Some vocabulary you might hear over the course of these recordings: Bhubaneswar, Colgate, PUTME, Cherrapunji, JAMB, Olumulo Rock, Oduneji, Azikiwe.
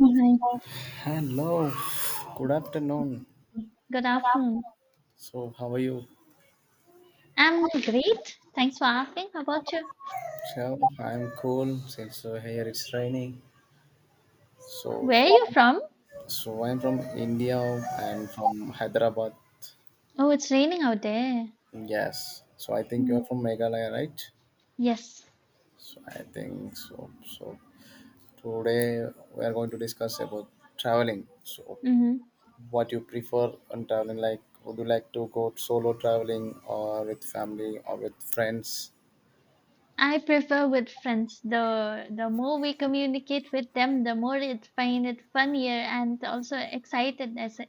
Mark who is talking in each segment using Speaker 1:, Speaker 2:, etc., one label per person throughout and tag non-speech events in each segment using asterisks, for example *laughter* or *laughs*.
Speaker 1: Oh, Hi.
Speaker 2: Hello, good afternoon.
Speaker 1: Good afternoon.
Speaker 2: So, how are you?
Speaker 1: I'm great. Thanks for asking. How about you?
Speaker 2: I'm cool, since so here it's raining. So,
Speaker 1: Where are you from?
Speaker 2: so I'm from India and from Hyderabad.
Speaker 1: Oh, it's raining out there.
Speaker 2: Yes. So I think you're
Speaker 1: Mm.
Speaker 2: from Meghalaya, right?
Speaker 1: Yes.
Speaker 2: So I think so. So today we are going to discuss about traveling. So
Speaker 1: Mm-hmm.
Speaker 2: what you prefer on traveling? Like, would you like to go solo traveling or with family or with friends?
Speaker 1: I prefer with friends. The more we communicate with them, the more it find it funnier and also excited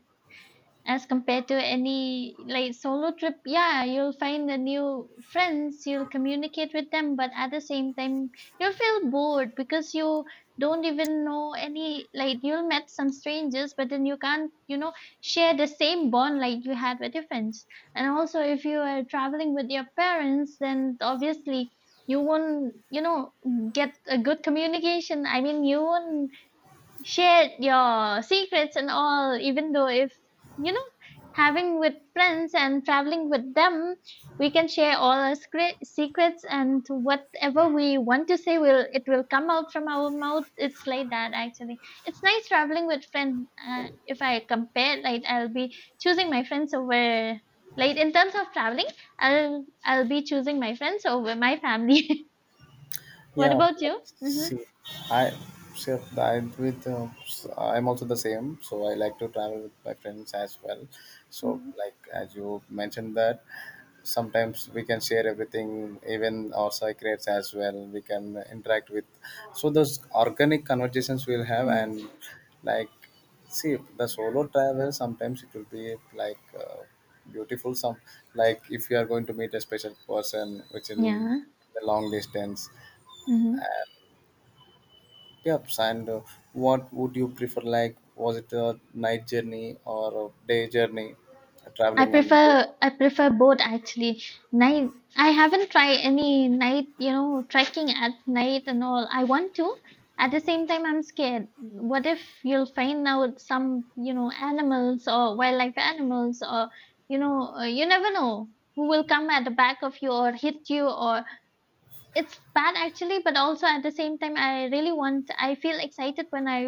Speaker 1: as compared to any like solo trip, yeah, you'll find the new friends, you'll communicate with them, but at the same time you'll feel bored because you don't even know any, like, you'll met some strangers, but then you can't, you know, share the same bond like you had with your friends. And also, if you are traveling with your parents, then obviously you won't, you know, get a good communication. I mean, you won't share your secrets and all. Even though if, you know having with friends and traveling with them, we can share all our secrets, and whatever we want to say, will it, will come out from our mouth. It's like that actually. It's nice traveling with friends. If I compare, like, I'll be choosing my friends over, like, in terms of traveling, I'll be choosing my friends over my family. *laughs* What
Speaker 2: Yeah,
Speaker 1: about
Speaker 2: but
Speaker 1: you? Mm-hmm.
Speaker 2: see, I I'm also the same. So I like to travel with my friends as well. So
Speaker 1: Mm-hmm.
Speaker 2: like as you mentioned that sometimes we can share everything, even our secrets as well. We can interact with. So those organic conversations we'll have
Speaker 1: Yeah.
Speaker 2: and like, see, the solo travel sometimes it will be like beautiful, some like if you are going to meet a special person which in
Speaker 1: Yeah.
Speaker 2: the long distance.
Speaker 1: Mm-hmm.
Speaker 2: Yes, and what would you prefer? Like, was it a night journey or a day journey,
Speaker 1: I
Speaker 2: traveling and
Speaker 1: prefer, I prefer both actually. Night, I haven't tried any night, you know, trekking at night and all. I want to. At the same time I'm scared. What if you'll find out some, you know, animals or wildlife animals or, you know, you never know who will come at the back of you or hit you, or it's bad actually, but also at the same time, I really want. I feel excited when I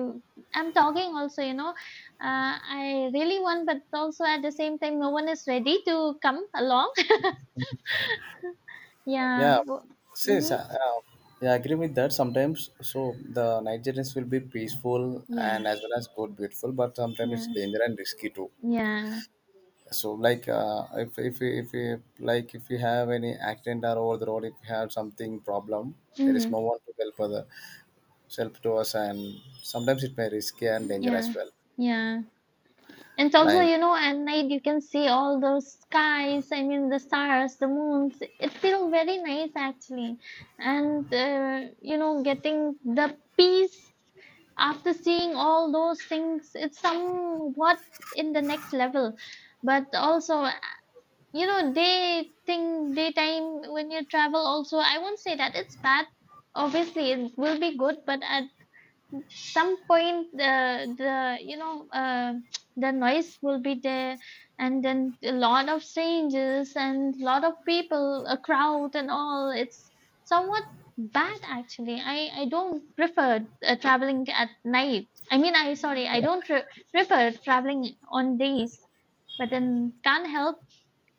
Speaker 1: I'm talking. Also, you know, I really want, but also at the same time, no one is ready to come along. *laughs* Yeah.
Speaker 2: yeah, since
Speaker 1: Mm-hmm.
Speaker 2: yeah, I agree with that. Sometimes, so the night journeys will be peaceful and
Speaker 1: Yeah.
Speaker 2: as well as good, beautiful, but sometimes it's
Speaker 1: Yeah.
Speaker 2: danger and risky too.
Speaker 1: Yeah.
Speaker 2: So, like, if we like if you have any accident or over the road, if you have something problem, there is
Speaker 1: Mm-hmm.
Speaker 2: no one to help other, help to us, and sometimes it may risky and danger as
Speaker 1: Yeah.
Speaker 2: well.
Speaker 1: Yeah. And also,
Speaker 2: Like.
Speaker 1: you know, at night you can see all those skies, I mean, the stars, the moons. It feels very nice actually. And, you know, getting the peace after seeing all those things, it's somewhat in the next level. But also, you know, day thing, daytime when you travel, also, I won't say that it's bad. Obviously, it will be good, but at some point the you know the noise will be there, and then a lot of strangers and lot of people, a crowd and all, it's somewhat bad actually. I don't prefer traveling at night. I mean, I sorry, I don't prefer traveling on days, but then can't help.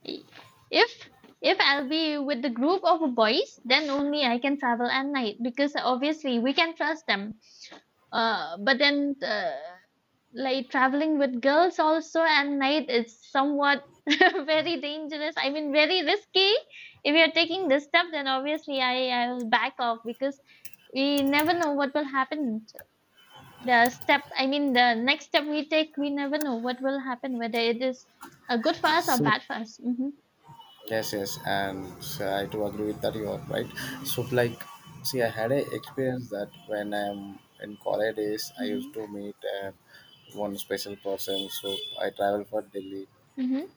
Speaker 1: if if I'll be with the group of boys, then only I can travel at night, because obviously we can trust them. But then, like traveling with girls also at night is somewhat *laughs* very dangerous. I mean, very risky. If you're taking this step, then obviously I'll back off because we never know what will happen. The step, I mean, the next step we take, we never know what will happen, whether it is a good for us or
Speaker 2: See.
Speaker 1: bad for us. Mm-hmm.
Speaker 2: Yes, yes, and so I do agree with that. You are right. So, like, see, I had a experience that when I'm in college days, I used
Speaker 1: Mm-hmm.
Speaker 2: to meet uh, one special person. So I travel for Delhi.
Speaker 1: Mm-hmm.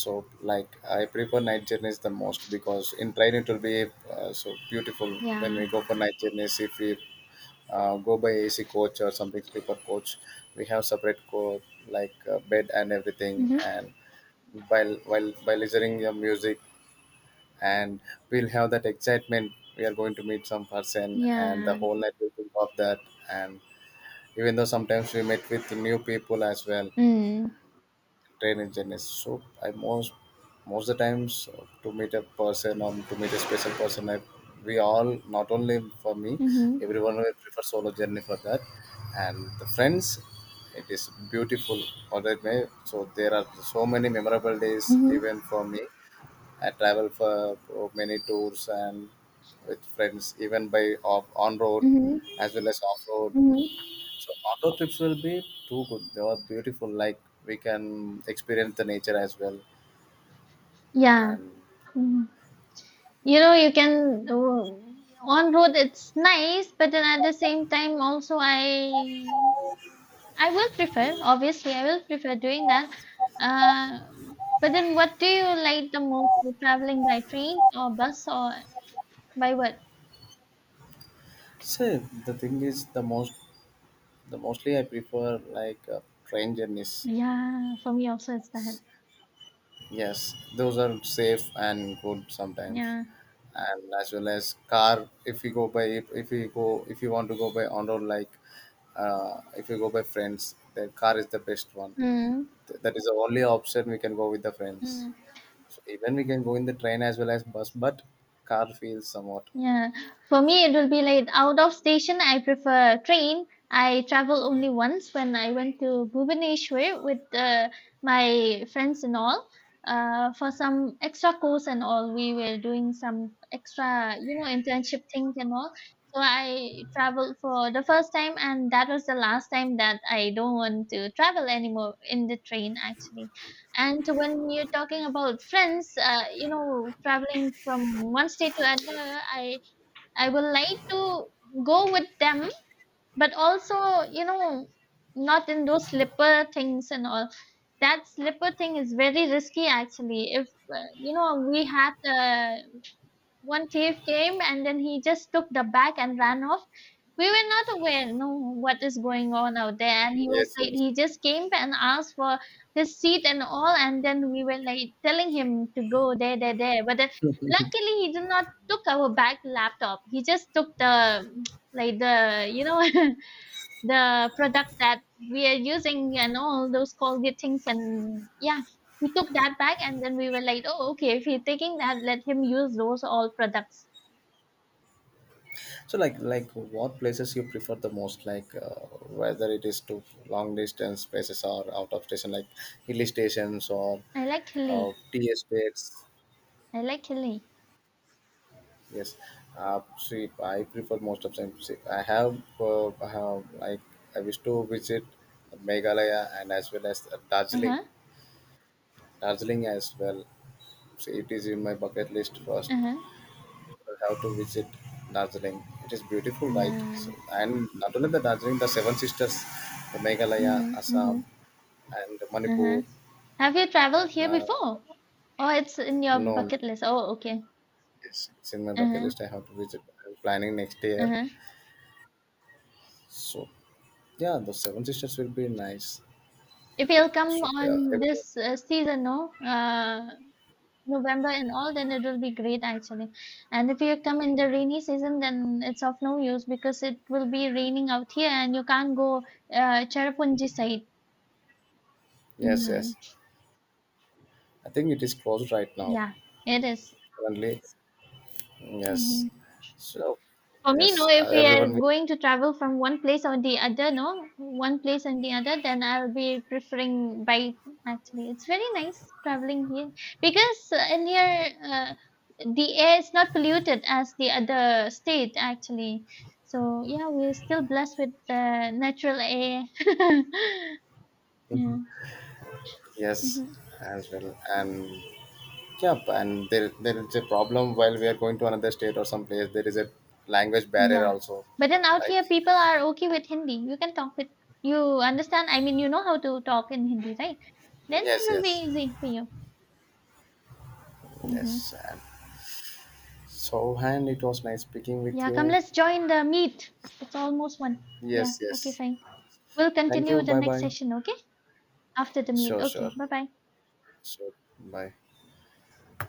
Speaker 2: So, like, I prefer night journeys the most because in train it will be so beautiful when we
Speaker 1: Yeah.
Speaker 2: go for night journeys. If we go by AC coach or something sleeper coach, we have separate coach like bed and everything
Speaker 1: Mm-hmm.
Speaker 2: and. While by listening your music and we'll have that excitement we are going to meet some person and the
Speaker 1: Yeah.
Speaker 2: whole night we think of that, and even though sometimes we meet with new people as well
Speaker 1: Mm.
Speaker 2: training journeys. So I most of the times to meet a person or to meet a special person, we all, not only for me,
Speaker 1: Mm-hmm.
Speaker 2: everyone will prefer solo journey for that. And the friends, it is beautiful or that may, so there are so many memorable days
Speaker 1: Mm-hmm.
Speaker 2: even for me. I travel for many tours and with friends, even by off, on road
Speaker 1: Mm-hmm.
Speaker 2: as well as off road.
Speaker 1: Mm-hmm.
Speaker 2: So on road trips will be too good. They are beautiful. Like we can experience the nature as well.
Speaker 1: Yeah.
Speaker 2: And
Speaker 1: Mm. You know, you can on road it's nice, but then at the same time also I will prefer, obviously I will prefer doing that. Uh, but then, what do you like the most, the traveling by train or bus or by what?
Speaker 2: see, the thing is, the most, the mostly I prefer like train journeys.
Speaker 1: Yeah, for me also it's that.
Speaker 2: Yes, those are safe and good sometimes,
Speaker 1: Yeah.
Speaker 2: and as well as car. If you go by, if you go, if you want to go by on road, like if you go by friends, the car is the best one.
Speaker 1: Mm.
Speaker 2: That is the only option we can go with the friends. So even we can go in the train as well as bus, but car feels somewhat.
Speaker 1: Yeah, for me it will be like out of station. I prefer train. I travel only once when I went to Bhubaneswar with my friends and all. For some extra course and all, we were doing some extra, you know, internship things and all. So I traveled for the first time, and that was the last time that I don't want to travel anymore in the train actually. And when you're talking about friends, you know, traveling from one state to another, I would like to go with them, but also, you know, not in those slipper things and all. That slipper thing is very risky, actually. If, you know, we had a one thief came and then he just took the bag and ran off. We were not aware, no, what is going on out there. And he was
Speaker 2: Yes,
Speaker 1: like,
Speaker 2: yes.
Speaker 1: he just came and asked for his seat and all. And then we were like telling him to go there, there, there. But then luckily he did not took our bag laptop. He just took the, *tsk* like the, you know, *laughs* the product that we are using and all those Colgate things. And yeah, he took that back, and then we were like, oh, okay, if he's taking that, let him use those all products.
Speaker 2: So, like what places you prefer the most? Like, whether it is to long distance places or out of station, like hill stations or
Speaker 1: I like Hilly.
Speaker 2: tea estates.
Speaker 1: I like Hilly.
Speaker 2: Yes, see, I prefer most of them. See, I have like, I wish to visit Meghalaya and as well as
Speaker 1: Uh
Speaker 2: Darjeeling.
Speaker 1: huh.
Speaker 2: Darjeeling as well. See, it is in my bucket list first.
Speaker 1: Uh huh.
Speaker 2: We have to visit Darjeeling. It is beautiful, right? So,
Speaker 1: Yeah.
Speaker 2: and not only the Darjeeling, the Seven Sisters, the Meghalaya,
Speaker 1: Mhm.
Speaker 2: Assam,
Speaker 1: Mhm.
Speaker 2: and
Speaker 1: Uh huh.
Speaker 2: Manipur.
Speaker 1: Have you traveled here
Speaker 2: Uh,
Speaker 1: before? Oh, it's in your
Speaker 2: no,
Speaker 1: bucket list. Oh, okay.
Speaker 2: it's in my
Speaker 1: Uh
Speaker 2: bucket
Speaker 1: huh.
Speaker 2: list. I have to visit. I'm planning next
Speaker 1: Uh
Speaker 2: year.
Speaker 1: huh.
Speaker 2: So yeah, the Seven Sisters will be nice.
Speaker 1: If he'll come
Speaker 2: So yeah,
Speaker 1: on
Speaker 2: everyone-
Speaker 1: this season, no. November and all, then it will be great actually. And if you come in the rainy season, then it's of no use, because it will be raining out here and you can't go Cherrapunji side.
Speaker 2: yes,
Speaker 1: Mhm.
Speaker 2: yes. I think it is closed right now.
Speaker 1: Yeah, it is.
Speaker 2: Currently,
Speaker 1: Hmm.
Speaker 2: yes. So
Speaker 1: For me, no,
Speaker 2: yes,
Speaker 1: if we are
Speaker 2: everyone will
Speaker 1: going to travel from one place or the other, no, one place and the other, then I'll be preferring bike actually. It's very nice traveling here because in here the air is not polluted as the other state actually. So, yeah, we're still blessed with the natural air. *laughs* Yeah.
Speaker 2: yes
Speaker 1: Mhm.
Speaker 2: as well and yeah, and there is a problem while we are going to another state or some place. There is a language barrier
Speaker 1: Yeah.
Speaker 2: also.
Speaker 1: But then out
Speaker 2: Like
Speaker 1: here, people are okay with Hindi. You can talk with, you understand? I mean, you know how to talk in Hindi, right? Then it
Speaker 2: yes,
Speaker 1: will be
Speaker 2: yes,
Speaker 1: easy for you. Hmm.
Speaker 2: yes. And so, and it was nice speaking with
Speaker 1: Yeah, come,
Speaker 2: you.
Speaker 1: let's join the meet. It's almost one. Yeah,
Speaker 2: Yes,
Speaker 1: okay,
Speaker 2: yes.
Speaker 1: fine. We'll
Speaker 2: Thank you.
Speaker 1: continue the
Speaker 2: Bye,
Speaker 1: next
Speaker 2: bye.
Speaker 1: session, okay? After the meet.
Speaker 2: Sure,
Speaker 1: Okay,
Speaker 2: sure,
Speaker 1: bye bye.
Speaker 2: sure. Bye.